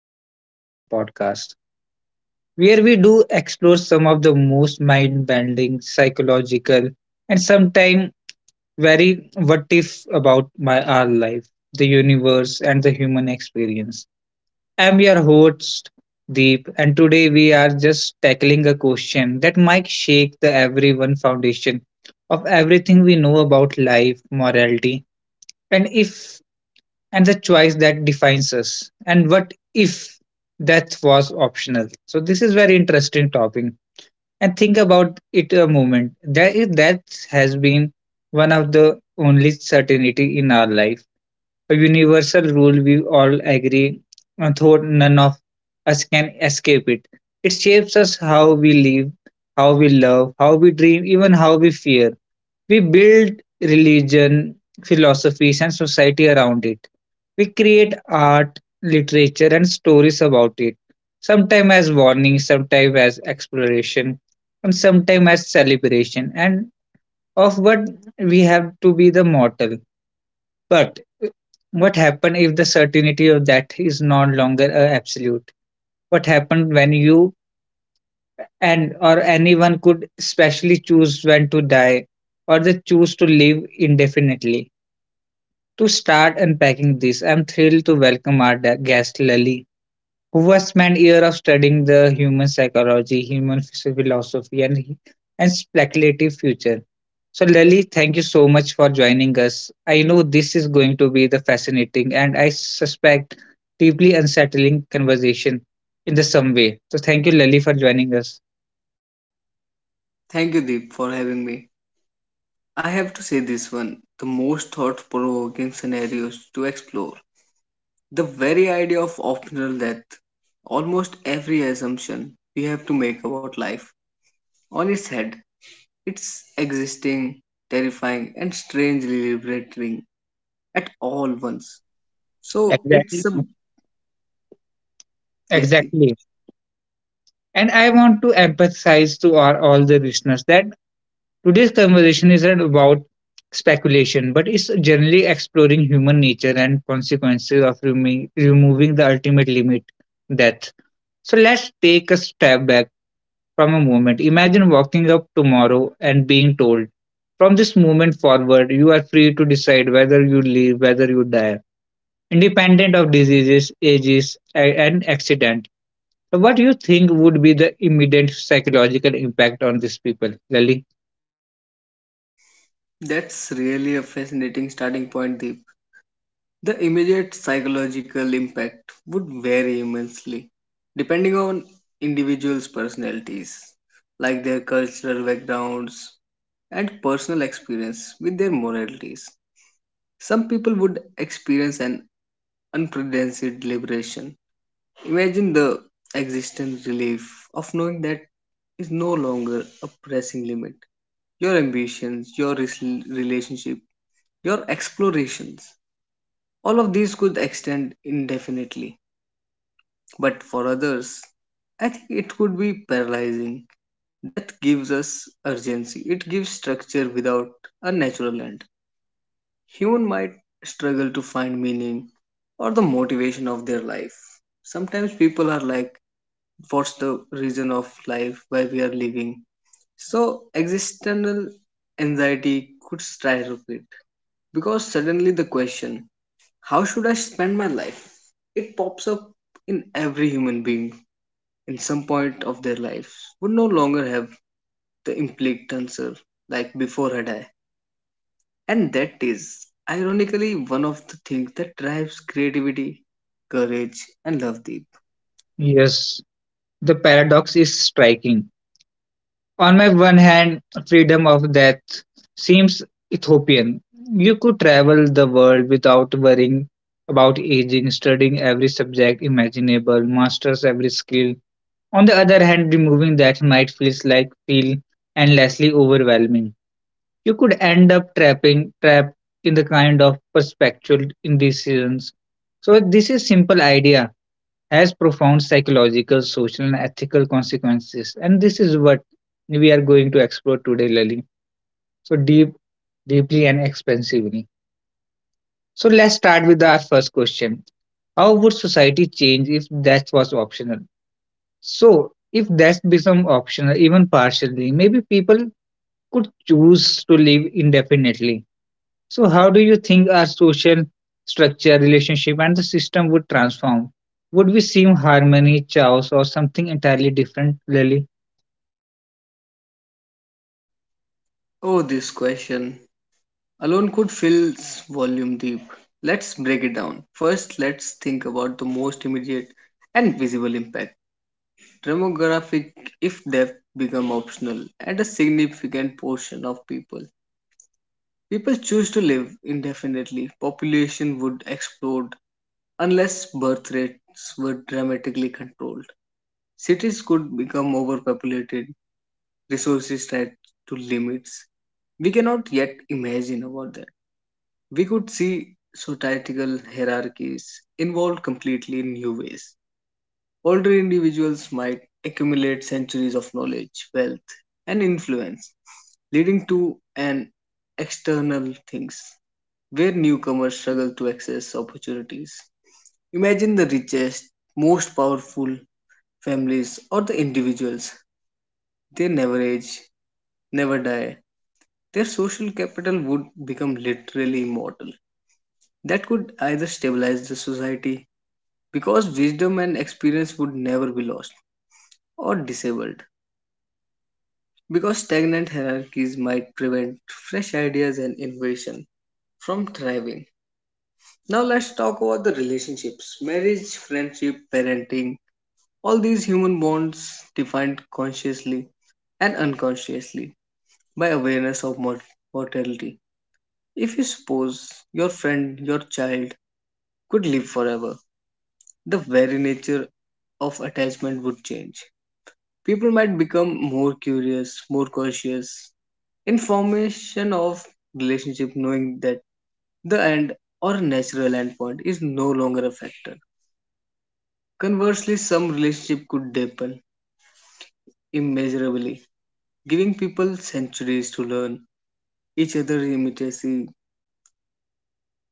episode of our podcast, where we do explore some of the most mind bending, psychological, and sometimes very what if about my our life, the universe, and the human experience. I'm your host, Deep, and today we are just tackling a question that might shake the everyone foundation of everything we know about life, morality, and if and the choice that defines us and what if death was optional. So this is very interesting topic, and think about it a moment. That is, death has been one of the only certainty in our life, a universal rule we all agree, though none of us can escape it. It shapes us how we live, how we love, how we dream, even how we fear. We build religion, philosophies, and society around it. We create art, literature, and stories about it, sometimes as warning, sometimes as exploration, and sometimes as celebration. And of what we have to be the mortal. But what happens if the certainty of that is no longer a absolute? What happens when you and or anyone could especially choose when to die or they choose to live indefinitely? To start unpacking this, I'm thrilled to welcome our guest Lali, who has spent years of studying the human psychology, human philosophy, and speculative future. So, Lali, thank you so much for joining us. I know this is going to be the fascinating and I suspect deeply unsettling conversation in the some way. So, thank you, Lali, for joining us. Thank you, Deep, for having me. I have to say this one the most thought provoking scenarios to explore. The very idea of optional death, almost every assumption we have to make about life, on its head. It's existing, terrifying, and strangely liberating at all once. So it's Exactly. a yes, Deep. Exactly. And I want to emphasize to our all the listeners that today's conversation isn't about speculation, but it's generally exploring human nature and consequences of removing the ultimate limit, death. So let's take a step back from a moment. Imagine walking up tomorrow and being told, from this moment forward, you are free to decide whether you live, whether you die, independent of diseases, ages, and accident. So what do you think would be the immediate psychological impact on these people, Lali? That's really a fascinating starting point, Deep. The immediate psychological impact would vary immensely depending on individuals' personalities, like their cultural backgrounds and personal experience with their moralities. Some people would experience an unprecedented liberation. Imagine the existence relief of knowing that is no longer a pressing limit your ambitions, your relationship, your explorations. All of these could extend indefinitely. But for others, I think it could be paralyzing. Death gives us urgency, it gives structure without a natural end. Human might struggle to find meaning or the motivation of their life. Sometimes people are like, what's the reason of life, why we are living? So, existential anxiety could skyrocket because suddenly the question, how should I spend my life? It pops up in every human being in some point of their lives would no longer have the implied answer like before had I. And that is ironically one of the things that drives creativity, courage, and love deep. Yes, the paradox is striking: on my one hand, freedom of death seems utopian. You could travel the world without worrying about aging, studying every subject imaginable, masters every skill. On the other hand, removing that might feel endlessly overwhelming. You could end up trapping trapped in the kind of perpetual indecisions. So this is simple idea has profound psychological, social, and ethical consequences. And this is what we are going to explore today, Lali. So deep, deeply and expensively. So let's start with our first question. How would society change if that was optional? So if that become optional, even partially, maybe people could choose to live indefinitely. So, how do you think our social structure, relationship, and the system would transform? Would we see harmony, chaos, or something entirely different, really? Oh, this question alone could fill volume deep. Let's break it down. First, let's think about the most immediate and visible impact. Demographic, if depth become optional, and a significant portion of people choose to live indefinitely, population would explode unless birth rates were dramatically controlled. Cities could become overpopulated, resources tied to limits. We cannot yet imagine about that. We could see societal hierarchies involved completely in new ways. Older individuals might accumulate centuries of knowledge, wealth, and influence, leading to an external things where newcomers struggle to access opportunities. Imagine the richest, most powerful families or the individuals. They never age, never die. Their social capital would become literally immortal. That could either stabilize the society because wisdom and experience would never be lost or disabled because stagnant hierarchies might prevent fresh ideas and innovation from thriving. Now let's talk about the relationships, marriage, friendship, parenting. All these human bonds defined consciously and unconsciously by awareness of mortality. If you suppose your friend, your child could live forever, the very nature of attachment would change. People might become more curious, more cautious, information of relationship knowing that the end or natural endpoint is no longer a factor. Conversely, some relationship could deepen immeasurably, giving people centuries to learn each other's intimacy.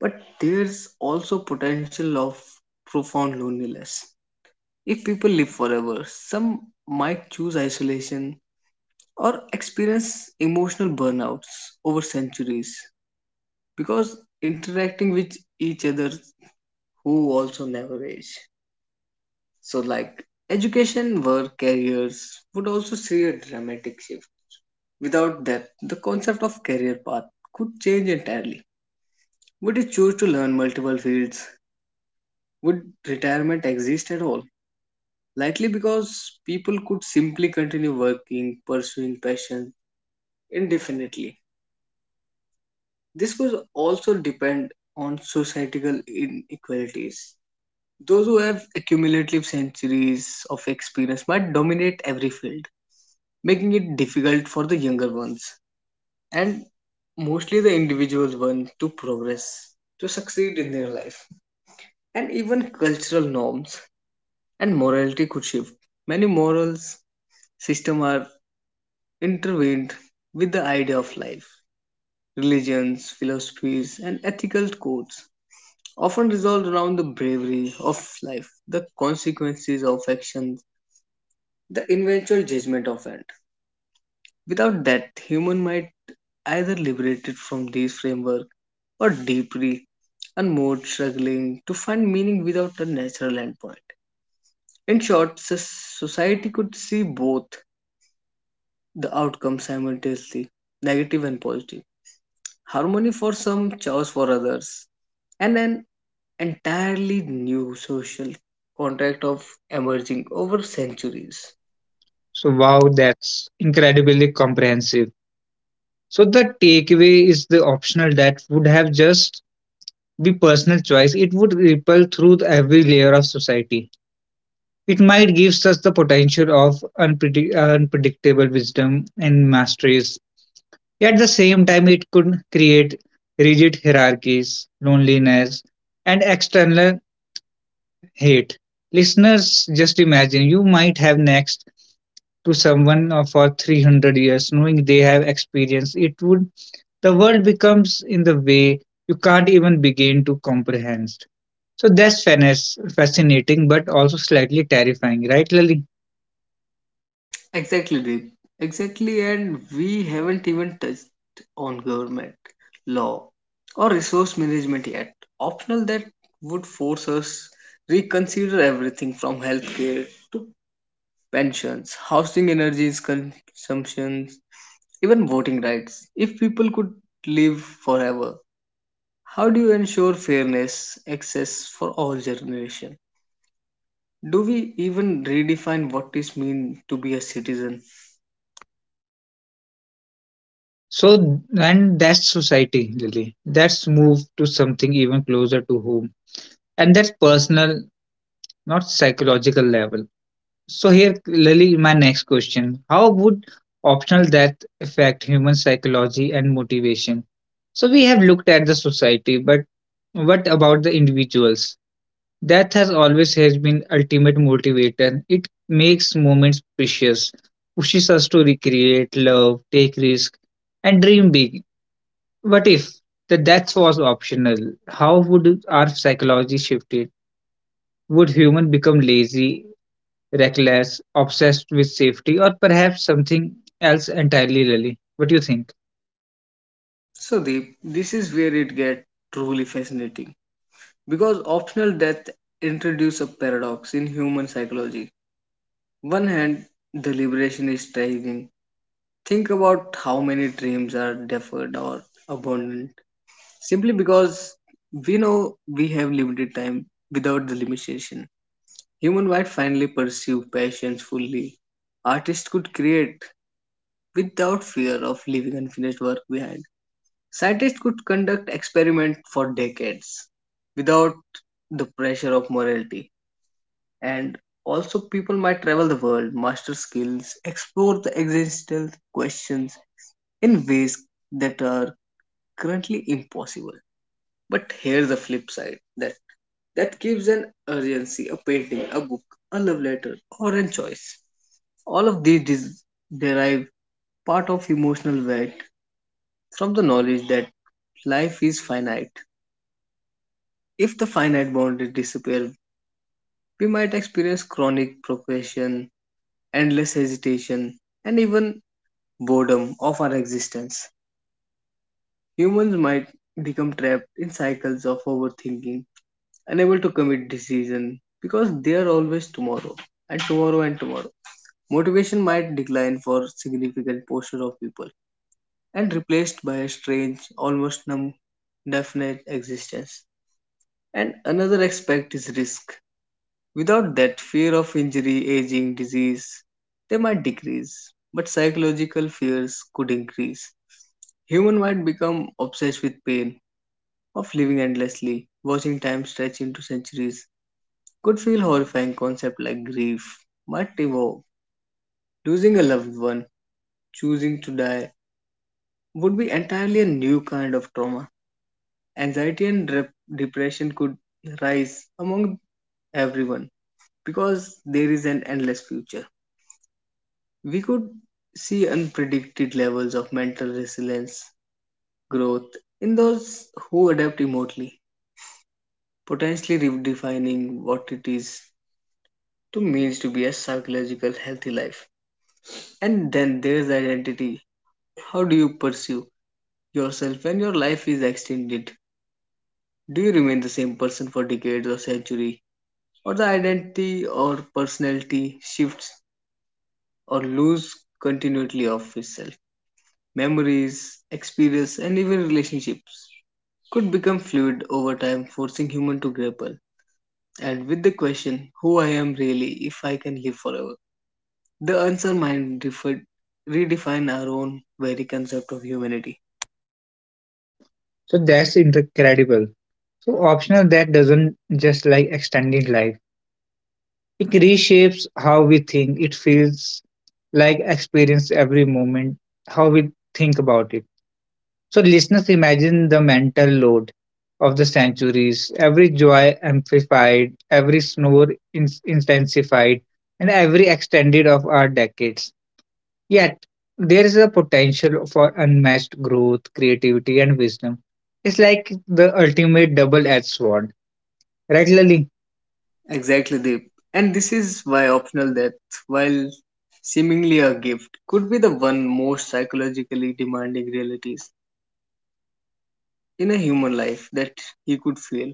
But there's also potential of profound loneliness. If people live forever, some might choose isolation or experience emotional burnouts over centuries because interacting with each other who also never age. So like education, work, careers would also see a dramatic shift. Without that, the concept of career path could change entirely. Would you choose to learn multiple fields? Would retirement exist at all? Likely because people could simply continue working, pursuing passion indefinitely. This could also depend on societal inequalities. Those who have accumulative centuries of experience might dominate every field, making it difficult for the younger ones and mostly the individuals want to progress, to succeed in their life. And even cultural norms and morality could shift. Many morals systems are intertwined with the idea of life. Religions, philosophies, and ethical codes often resolve around the bravery of life, the consequences of actions, the eventual judgment of end. Without that, human might either liberate it from these framework or deeply and more struggling to find meaning without a natural endpoint. In short, society could see both the outcomes simultaneously, negative and positive, harmony for some, chaos for others, and an entirely new social contract of emerging over centuries. So, wow, that's incredibly comprehensive. So, the takeaway is the optional that would have just be personal choice. It would ripple through the every layer of society. It might give us the potential of unpredictable wisdom and masteries. At the same time, it could create rigid hierarchies, loneliness, and external hate. Listeners, just imagine you might have next to someone for 300 years, knowing they have experience. It would the world becomes in the way you can't even begin to comprehend. So that's fascinating, but also slightly terrifying, right, Lily? Exactly, Deep. Exactly, and we haven't even touched on government, law, or resource management yet. Optional that would force us reconsider everything from healthcare to pensions, housing, energy consumptions, even voting rights. If people could live forever, how do you ensure fairness, access for all generation? Do we even redefine what is mean to be a citizen? So, and that's society, Lily. Let's move to something even closer to home at that personal, not psychological level. So here, Lily, my next question: how would optional death affect human psychology and motivation? So we have looked at the society, but what about the individuals? Death has always has been ultimate motivator. It makes moments precious, pushes us to recreate, love, take risk, and dream big. What if the death was optional? How would our psychology shift? Would human become lazy, reckless, obsessed with safety, or perhaps something else entirely, Lily? What do you think? So, Deep, this is where it gets truly fascinating because optional death introduces a paradox in human psychology. One hand, the liberation is striking. Think about how many dreams are deferred or abandoned simply because we know we have limited time without the limitation. Human might finally pursue passions fully. Artists could create without fear of leaving unfinished work behind. Scientists could conduct experiments for decades without the pressure of morality. And also, people might travel the world, master skills, explore the existential questions in ways that are currently impossible. But here's the flip side that gives an urgency, a painting, a book, a love letter, or a choice. All of these derive part of emotional weight from the knowledge that life is finite. If the finite boundaries disappear, we might experience chronic procrastination, endless hesitation, and even boredom of our existence. Humans might become trapped in cycles of overthinking, unable to commit decision because they are always tomorrow and tomorrow and tomorrow. Motivation might decline for significant portion of people and replaced by a strange, almost numb, definite existence. And another aspect is risk. Without that fear of injury, aging, disease, they might decrease, but psychological fears could increase. Human might become obsessed with pain, of living endlessly, watching time stretch into centuries. Could feel horrifying concept like grief might evolve. Losing a loved one, choosing to die, would be entirely a new kind of trauma. Anxiety and depression could rise among everyone because there is an endless future. We could see unpredicted levels of mental resilience growth in those who adapt remotely, potentially redefining what it is to means to be a psychological healthy life. And then there's identity. How do you pursue yourself when your life is extended? Do you remain the same person for decades or century? Or the identity or personality shifts or lose continuity of itself? Memories, experience and even relationships could become fluid over time, forcing human to grapple. And with the question, who I am really if I can live forever? The answer might differ, redefine our own very concept of humanity. So that's incredible. So optional that doesn't just like extending life. It reshapes how we think. It feels like experience every moment, how we think about it. So listeners, imagine the mental load of the centuries, every joy amplified, every snore intensified, and every extended of our decades. Yet, there is a potential for unmatched growth, creativity, and wisdom. It's like the ultimate double edged sword. Right, Lali? Exactly, Deep. And this is why optional death, while seemingly a gift, could be the one most psychologically demanding realities in a human life that he could feel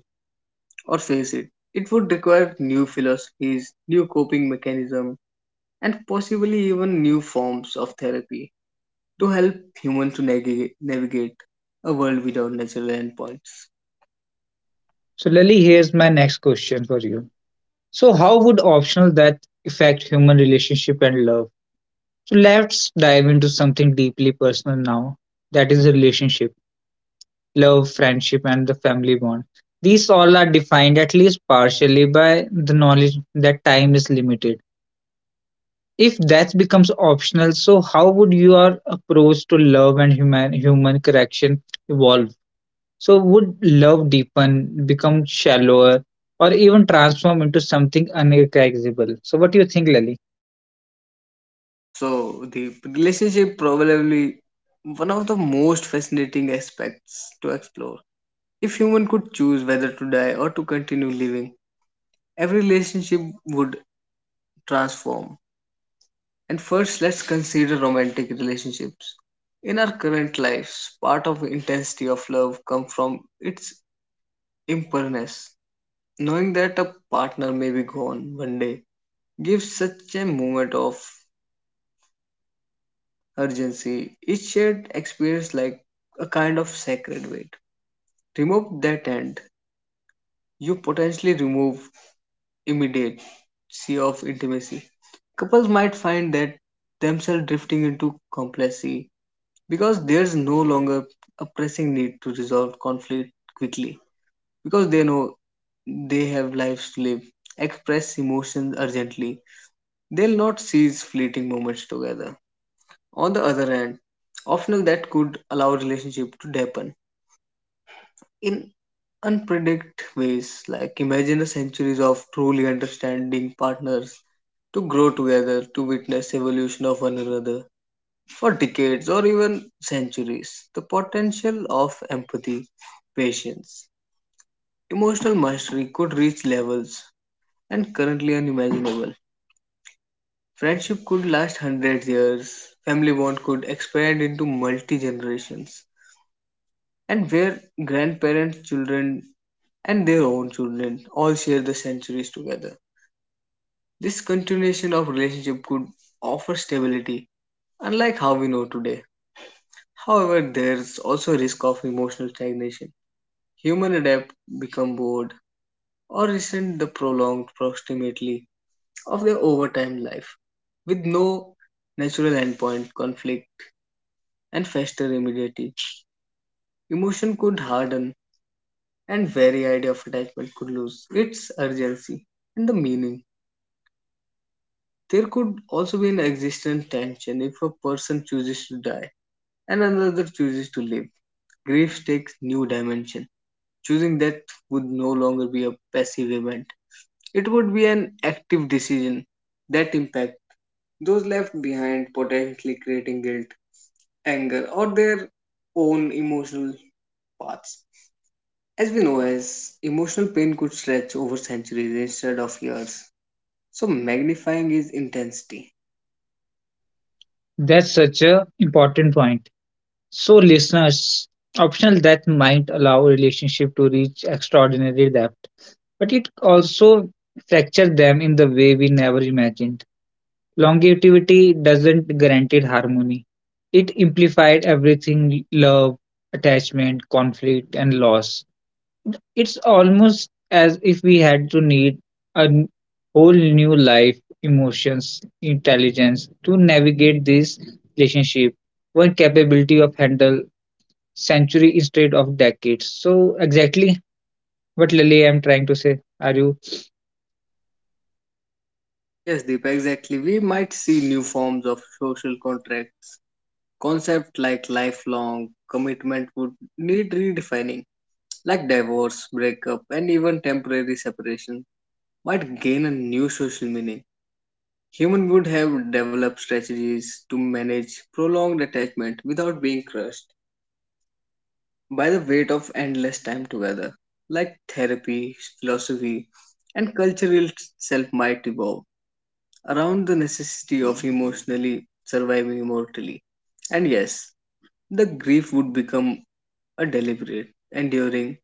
or face it. It would require new philosophies, new coping mechanisms, and possibly even new forms of therapy to help humans to navigate, navigate a world without natural endpoints. So, Lali, here's my next question for you. So, how would optional death affect human relationship and love? So, let's dive into something deeply personal now. That is relationship, love, friendship, and the family bond. These all are defined at least partially by the knowledge that time is limited. If that becomes optional, so how would your approach to love and human correction evolve? So would love deepen, become shallower, or even transform into something unrecognizable? So what do you think, Lali? So the relationship probably one of the most fascinating aspects to explore. If human could choose whether to die or to continue living, every relationship would transform. And first, let's consider romantic relationships. In our current lives, part of intensity of love comes from its impermanence. Knowing that a partner may be gone one day gives such a moment of urgency. Each shared experience like a kind of sacred weight. Remove that and you potentially remove immediacy of intimacy. Couples might find that themselves drifting into complacency because there's no longer a pressing need to resolve conflict quickly because they know they have lives to live, express emotions urgently, they'll not seize fleeting moments together. On the other hand, often that could allow relationship to deepen in unpredict ways. Like imagine a centuries of truly understanding partners to grow together, to witness evolution of one another for decades or even centuries. The potential of empathy, patience, emotional mastery could reach levels and currently unimaginable. Friendship could last hundred years, family bond could expand into multi generations, and where grandparents, children, and their own children all share the centuries together. This continuation of relationship could offer stability, unlike how we know today. However, there's also risk of emotional stagnation. Human adapt, become bored, or resent the prolonged proximity of their overtime life with no natural endpoint conflict and fester immediately. Emotion could harden, and very idea of attachment could lose its urgency and the meaning. There could also be an existential tension if a person chooses to die and another chooses to live. Grief takes new dimension. Choosing death would no longer be a passive event. It would be an active decision that impacts those left behind, potentially creating guilt, anger, or their own emotional paths. As we know, as emotional pain could stretch over centuries instead of years, so magnifying its intensity. That's such a important point. So listeners, optional that might allow a relationship to reach extraordinary depth, but it also fracture them in the way we never imagined. Longevity doesn't guarantee harmony. It implied everything: love, attachment, conflict, and loss. It's almost as if we had to need a n- whole new life, emotions, intelligence to navigate this relationship, one capability of handle century instead of decades. So exactly what Lily I'm trying to say. Are you Yes, Deepa, exactly. We might see new forms of social contracts. Concepts like lifelong commitment would need redefining, like divorce, breakup, and even temporary separation might gain a new social meaning. Human would have developed strategies to manage prolonged attachment without being crushed by the weight of endless time together, like therapy, philosophy, and cultural self might evolve around the necessity of emotionally surviving immortally. And yes, the grief would become a deliberate, enduring,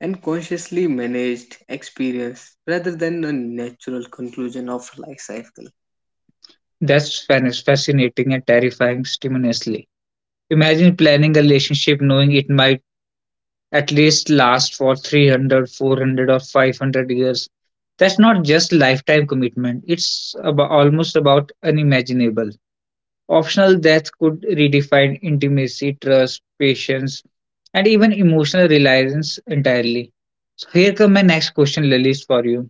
and consciously managed experience rather than a natural conclusion of life cycle. that's fascinating and terrifying simultaneously. Imagine planning a relationship knowing it might at least last for 300, 400, or 500 years. That's not just lifetime commitment, it's about, almost about unimaginable. Optional death could redefine intimacy, trust, patience, and even emotional reliance entirely. So, here come my next question, Lilies, for you.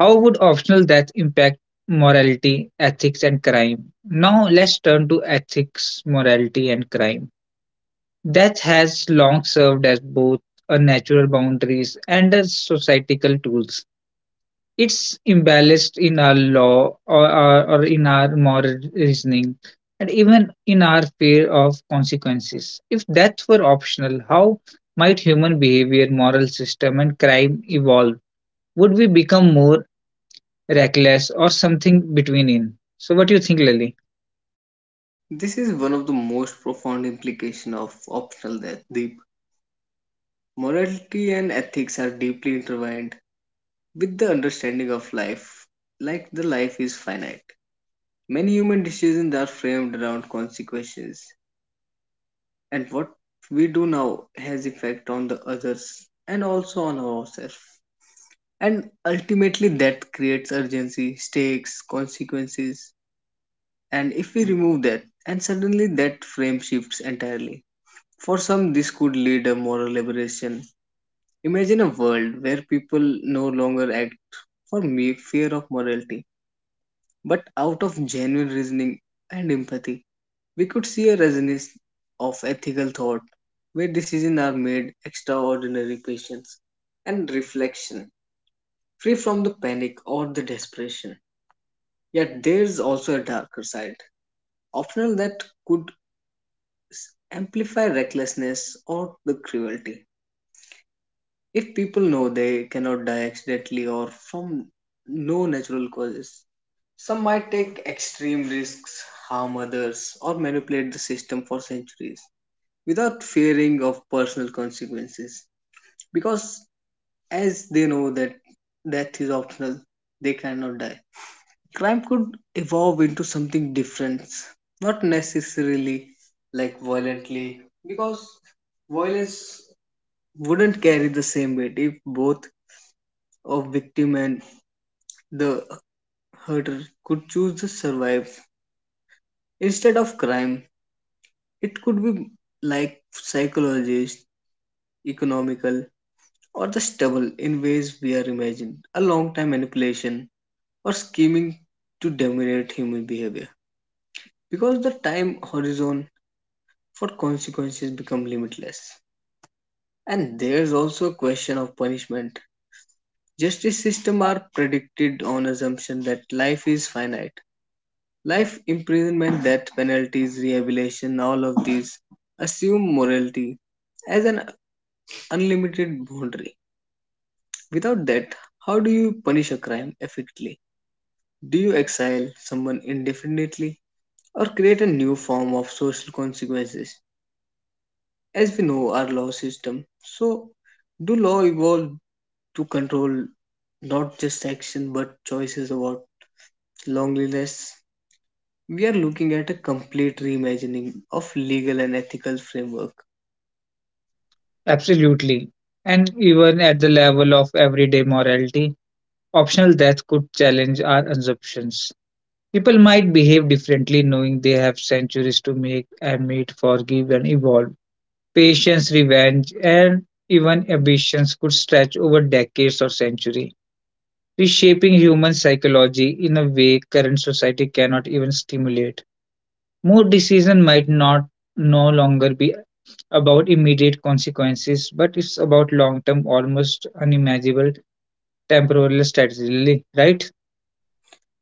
How would optional death impact morality, ethics, and crime? Now, let's turn to ethics, morality, and crime. That has long served as both a natural boundaries and as societal tools. It's imbalanced in our law or in our moral reasoning and even in our fear of consequences. If that were optional, how might human behavior, moral system, and crime evolve? Would we become more reckless or something between in? So, what do you think, Lily? This is one of the most profound implications of optional death. Deep, morality and ethics are deeply intertwined with the understanding of life, like the life is finite. Many human decisions are framed around consequences, and what we do now has effect on the others and also on ourselves. And ultimately, that creates urgency, stakes, consequences. And if we remove that, and suddenly that frame shifts entirely. For some, this could lead a moral liberation. Imagine a world where people no longer act for mere fear of morality but out of genuine reasoning and empathy. We could see a resonance of ethical thought where decisions are made extraordinary patience and reflection, free from the panic or the desperation. Yet there is also a darker side, often that could amplify recklessness or the cruelty. If people know they cannot die accidentally or from no natural causes, some might take extreme risks, harm others, or manipulate the system for centuries without fearing of personal consequences. Because as they know that death is optional, they cannot die. Crime could evolve into something different, not necessarily like violently, because violence wouldn't carry the same weight if both of victim and the hurter could choose to survive instead of crime. It could be like psychologist, economical, or the stubble in ways we are imagined. A long time manipulation or scheming to dominate human behavior because the time horizon for consequences become limitless. And there's also a question of punishment. Justice system are predicted on assumption that life is finite. Life imprisonment, death penalties, rehabilitation, all of these assume morality as an unlimited boundary. Without that, how do you punish a crime effectively? Do you exile someone indefinitely or create a new form of social consequences? As we know, our law system. So, do law evolve to control not just action but choices about loneliness? We are looking at a complete reimagining of legal and ethical framework. Absolutely. And even at the level of everyday morality, optional death could challenge our assumptions. People might behave differently knowing they have centuries to make, admit, forgive, and evolve. Patience, revenge, and even ambitions could stretch over decades or centuries, reshaping human psychology in a way current society cannot even stimulate. More decision might not no longer be about immediate consequences, but it's about long term, almost unimaginable temporal strategy, really, right?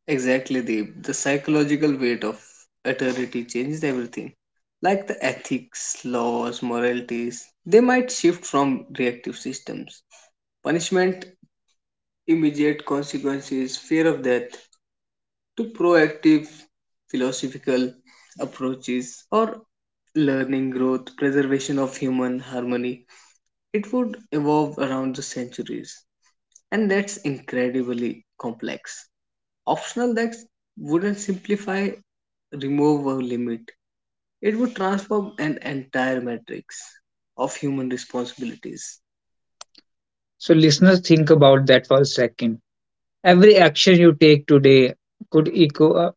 Exactly, Deep. The psychological weight of authority changes everything. Like the ethics, laws, moralities, they might shift from reactive systems. Punishment, immediate consequences, fear of death, to proactive philosophical approaches or learning, growth, preservation of human harmony. It would evolve around the centuries, and that's incredibly complex. Optional that wouldn't simplify, remove a limit, it would transform an entire matrix of human responsibilities. So, listeners, think about that for a second. Every action you take today could echo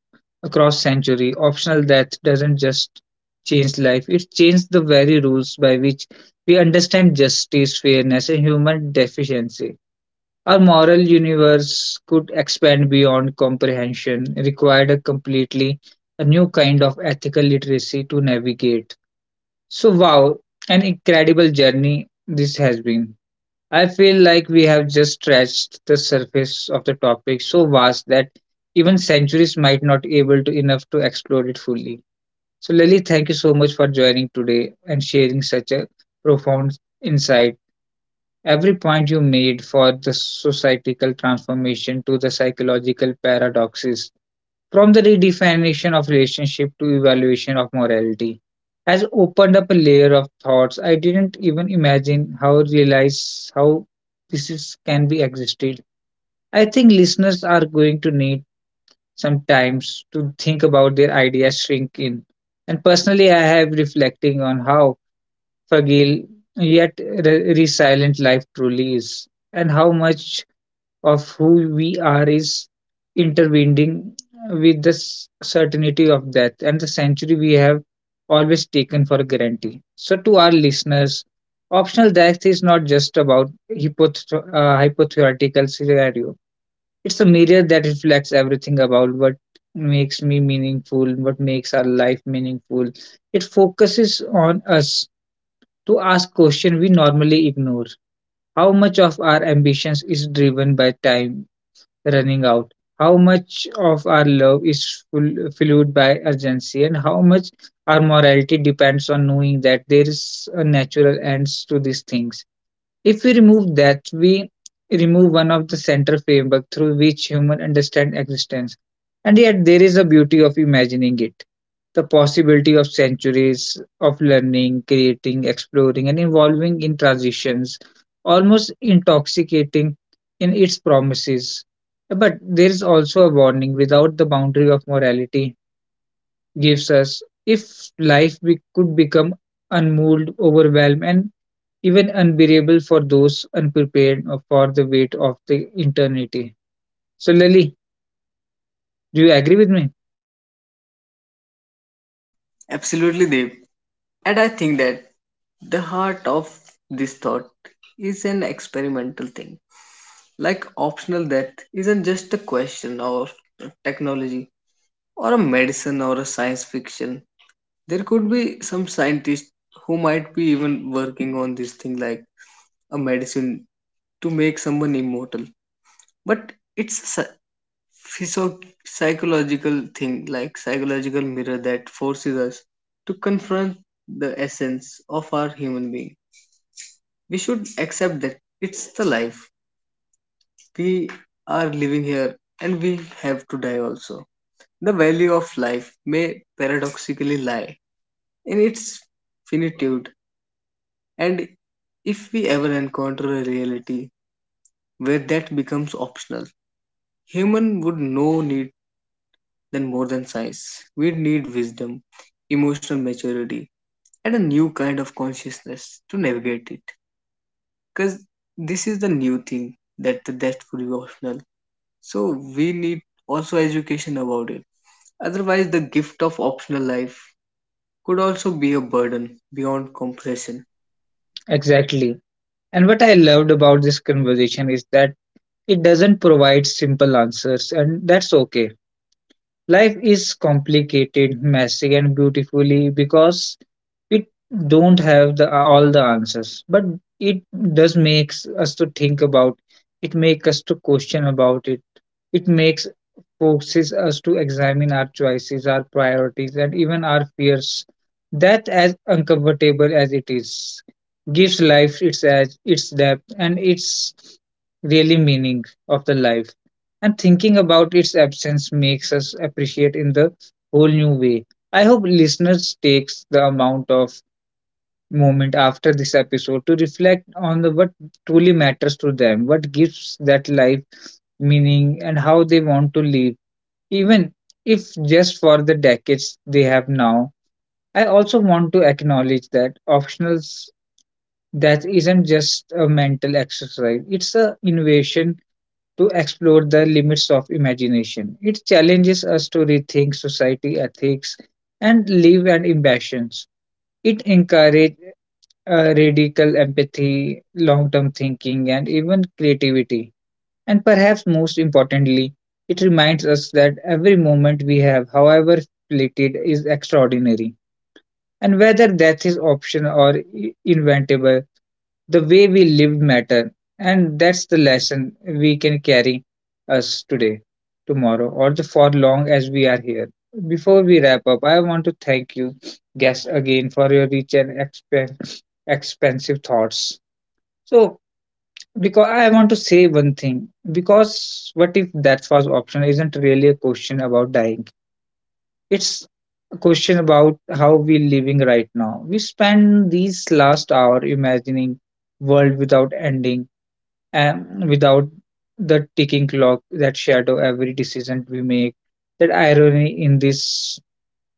across century. Optional death doesn't just change life; it changes the very rules by which we understand justice, fairness, and human deficiency. Our moral universe could expand beyond comprehension, required a completely a new kind of ethical literacy to navigate. So, wow, an incredible journey this has been. I feel like we have just scratched the surface of the topic so vast that even centuries might not able to enough to explore it fully. So Lily, thank you so much for joining today and sharing such a profound insight. Every point you made for the societal transformation to the psychological paradoxes from the redefinition of relationship to evaluation of morality has opened up a layer of thoughts I didn't even imagine how realize how this is, can be existed. I think listeners are going to need some times to think about their ideas shrink in. And personally, I have reflecting on how fragile yet resilient life truly is, and how much of who we are is intervening with the certainty of death and the century we have always taken for granted. So, to our listeners, optional death is not just about hypothetical scenario. It's a mirror that reflects everything about what makes me meaningful, what makes our life meaningful. It focuses on us to ask questions we normally ignore. How much of our ambitions is driven by time running out. How much of our love is full, fueled by urgency, and how much our morality depends on knowing that there is a natural end to these things. If we remove that, we remove one of the central framework through which human understand existence. And yet there is a beauty of imagining it. The possibility of centuries of learning, creating, exploring, and evolving in transitions, almost intoxicating in its promises. But there is also a warning without the boundary of morality gives us if life could become unmoved, overwhelmed, and even unbearable for those unprepared for the weight of the eternity. So, Lily, do you agree with me? Absolutely, Deep. And I think that the heart of this thought is an experimental thing. Like optional death isn't just a question of technology or a medicine or a science fiction. There could be some scientists who might be even working on this thing like a medicine to make someone immortal, but it's a psychological thing, like psychological mirror that forces us to confront the essence of our human being. We should accept that it's the life we are living here and we have to die also. The value of life may paradoxically lie in its finitude, and if we ever encounter a reality where that becomes optional, human would no need than more than science. We need wisdom, emotional maturity, and a new kind of consciousness to navigate it. Because this is the new thing, that the death would be optional. So we need also education about it. Otherwise, the gift of optional life could also be a burden beyond comprehension. Exactly. And what I loved about this conversation is that it doesn't provide simple answers, and that's okay. Life is complicated, messy, and beautifully because it don't have the all the answers, but it does makes us to think about. It makes us to question about it. It makes forces us to examine our choices, our priorities, and even our fears. That, as uncomfortable as it is, gives life its edge, its depth, and its really meaning of the life and thinking about its absence makes us appreciate in the whole new way. I hope listeners takes the amount of moment after this episode to reflect on the what truly matters to them, what gives that life meaning and how they want to live, even if just for the decades they have now. I also want to acknowledge that optionals that isn't just a mental exercise. It's a innovation to explore the limits of imagination. It challenges us to rethink society, ethics, and live and ambitions. It encourages radical empathy, long term thinking, and even creativity. And perhaps most importantly, it reminds us that every moment we have, however fleeted, is extraordinary. And whether death is optional or inventable, the way we lived matter, and that's the lesson we can carry us today, tomorrow, or the for long as we are here. Before we wrap up, I want to thank you guests again for your rich and expensive thoughts. So because I want to say one thing, because what if that was option isn't really a question about dying, it's a question about how we're living right now. We spend these last hour imagining world without ending and without the ticking clock that shadow every decision we make. That irony in this,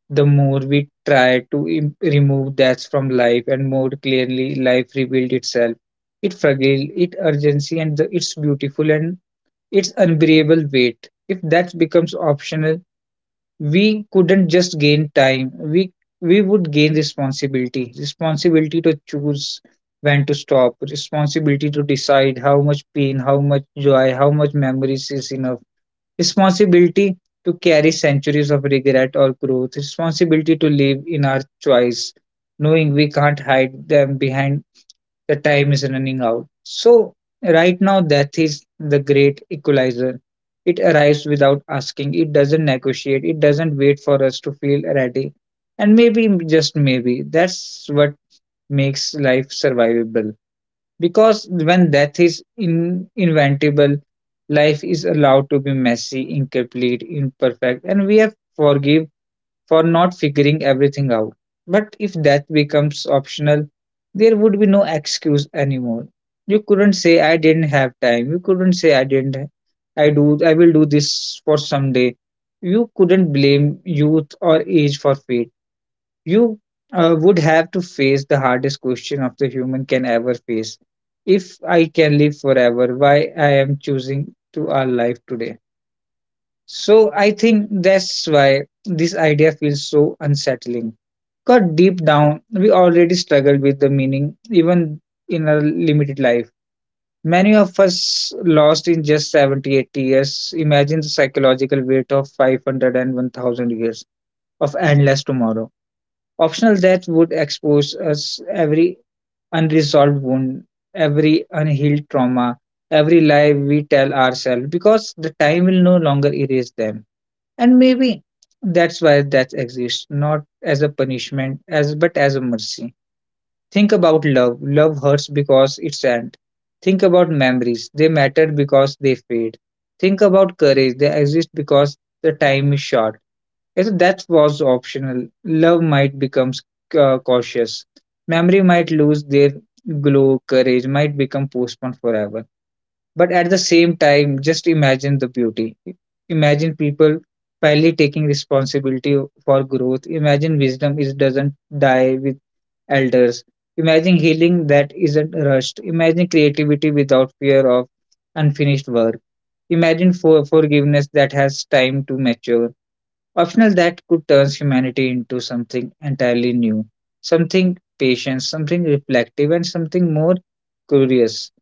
the more we try to remove that from life, and more clearly life revealed itself. It fragile, it urgency, and the, its beautiful and its unbearable weight. If that becomes optional, we couldn't just gain time, we would gain responsibility, responsibility to choose when to stop, responsibility to decide how much pain, how much joy, how much memories is enough, responsibility to carry centuries of regret or growth, responsibility to live in our choice knowing we can't hide them behind the time is running out. So, right now, death is the great equalizer. It arrives without asking, it doesn't negotiate, it doesn't wait for us to feel ready. And maybe, just maybe, that's what makes life survivable. Because when death is inventable, life is allowed to be messy, incomplete, imperfect, and we have forgive for not figuring everything out. But if that becomes optional, there would be no excuse anymore. You couldn't say I didn't have time. You couldn't say I didn't I will do this for someday. You couldn't blame youth or age for fate. You would have to face the hardest question of the human can ever face. If I can live forever, why I am choosing to our life today. So I think that's why this idea feels so unsettling. Because deep down, we already struggle with the meaning, even in our limited life. Many of us lost in just 70, 80 years. Imagine the psychological weight of 500 and 1000 years of endless tomorrow. Optional death would expose us every unresolved wound, every unhealed trauma, every lie we tell ourselves because the time will no longer erase them. And maybe that's why that exists, not as a punishment as but as a mercy. Think about love, love hurts because it's end. Think about memories, they matter because they fade. Think about courage, they exist because the time is short. If that was optional, love might become cautious, memory might lose their glow, courage might become postponed forever. But at the same time, just imagine the beauty. Imagine people finally taking responsibility for growth. Imagine wisdom is doesn't die with elders. Imagine healing that isn't rushed. Imagine creativity without fear of unfinished work. Imagine for forgiveness that has time to mature. Optional that could turn humanity into something entirely new, something patient, something reflective, and something more curious.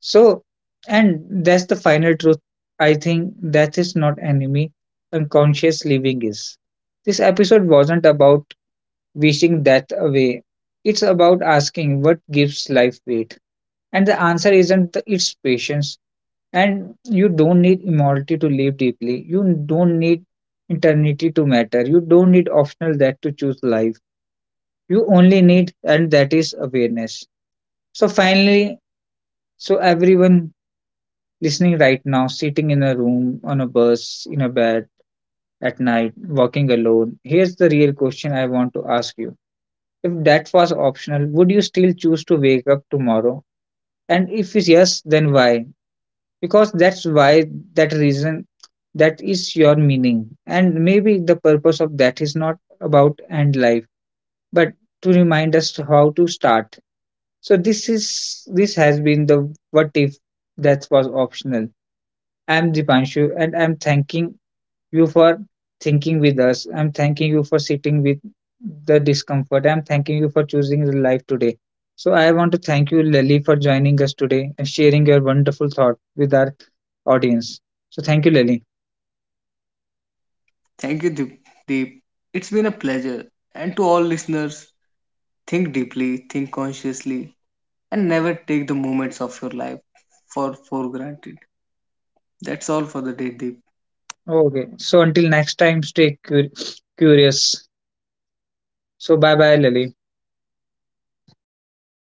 So, and that's the final truth. I think that is not enemy, unconscious living is. This episode wasn't about wishing death away. It's about asking what gives life weight. And the answer isn't the, its patience, and you don't need immortality to live deeply. You don't need eternity to matter. You don't need optional that to choose life. You only need, and that is awareness. So, finally, so everyone listening right now, sitting in a room, on a bus, in a bed, at night, walking alone, here's the real question I want to ask you. If that was optional, would you still choose to wake up tomorrow? And if it's yes, then why? Because that's why, that reason, that is your meaning, and maybe the purpose of that is not about end life, but to remind us how to start. So this has been the what if that was optional. I'm Dipanshu, and I'm thanking you for thinking with us. I'm thanking you for sitting with the discomfort. I'm thanking you for choosing the life today. So I want to thank you, Lily, for joining us today and sharing your wonderful thought with our audience. So thank you, Lily. Thank you, Deep. Deep. It's been a pleasure. And to all listeners, think deeply, think consciously, and never take the moments of your life for granted. That's all for the day, Deep. Okay. So until next time, stay curious. So bye bye, Lily.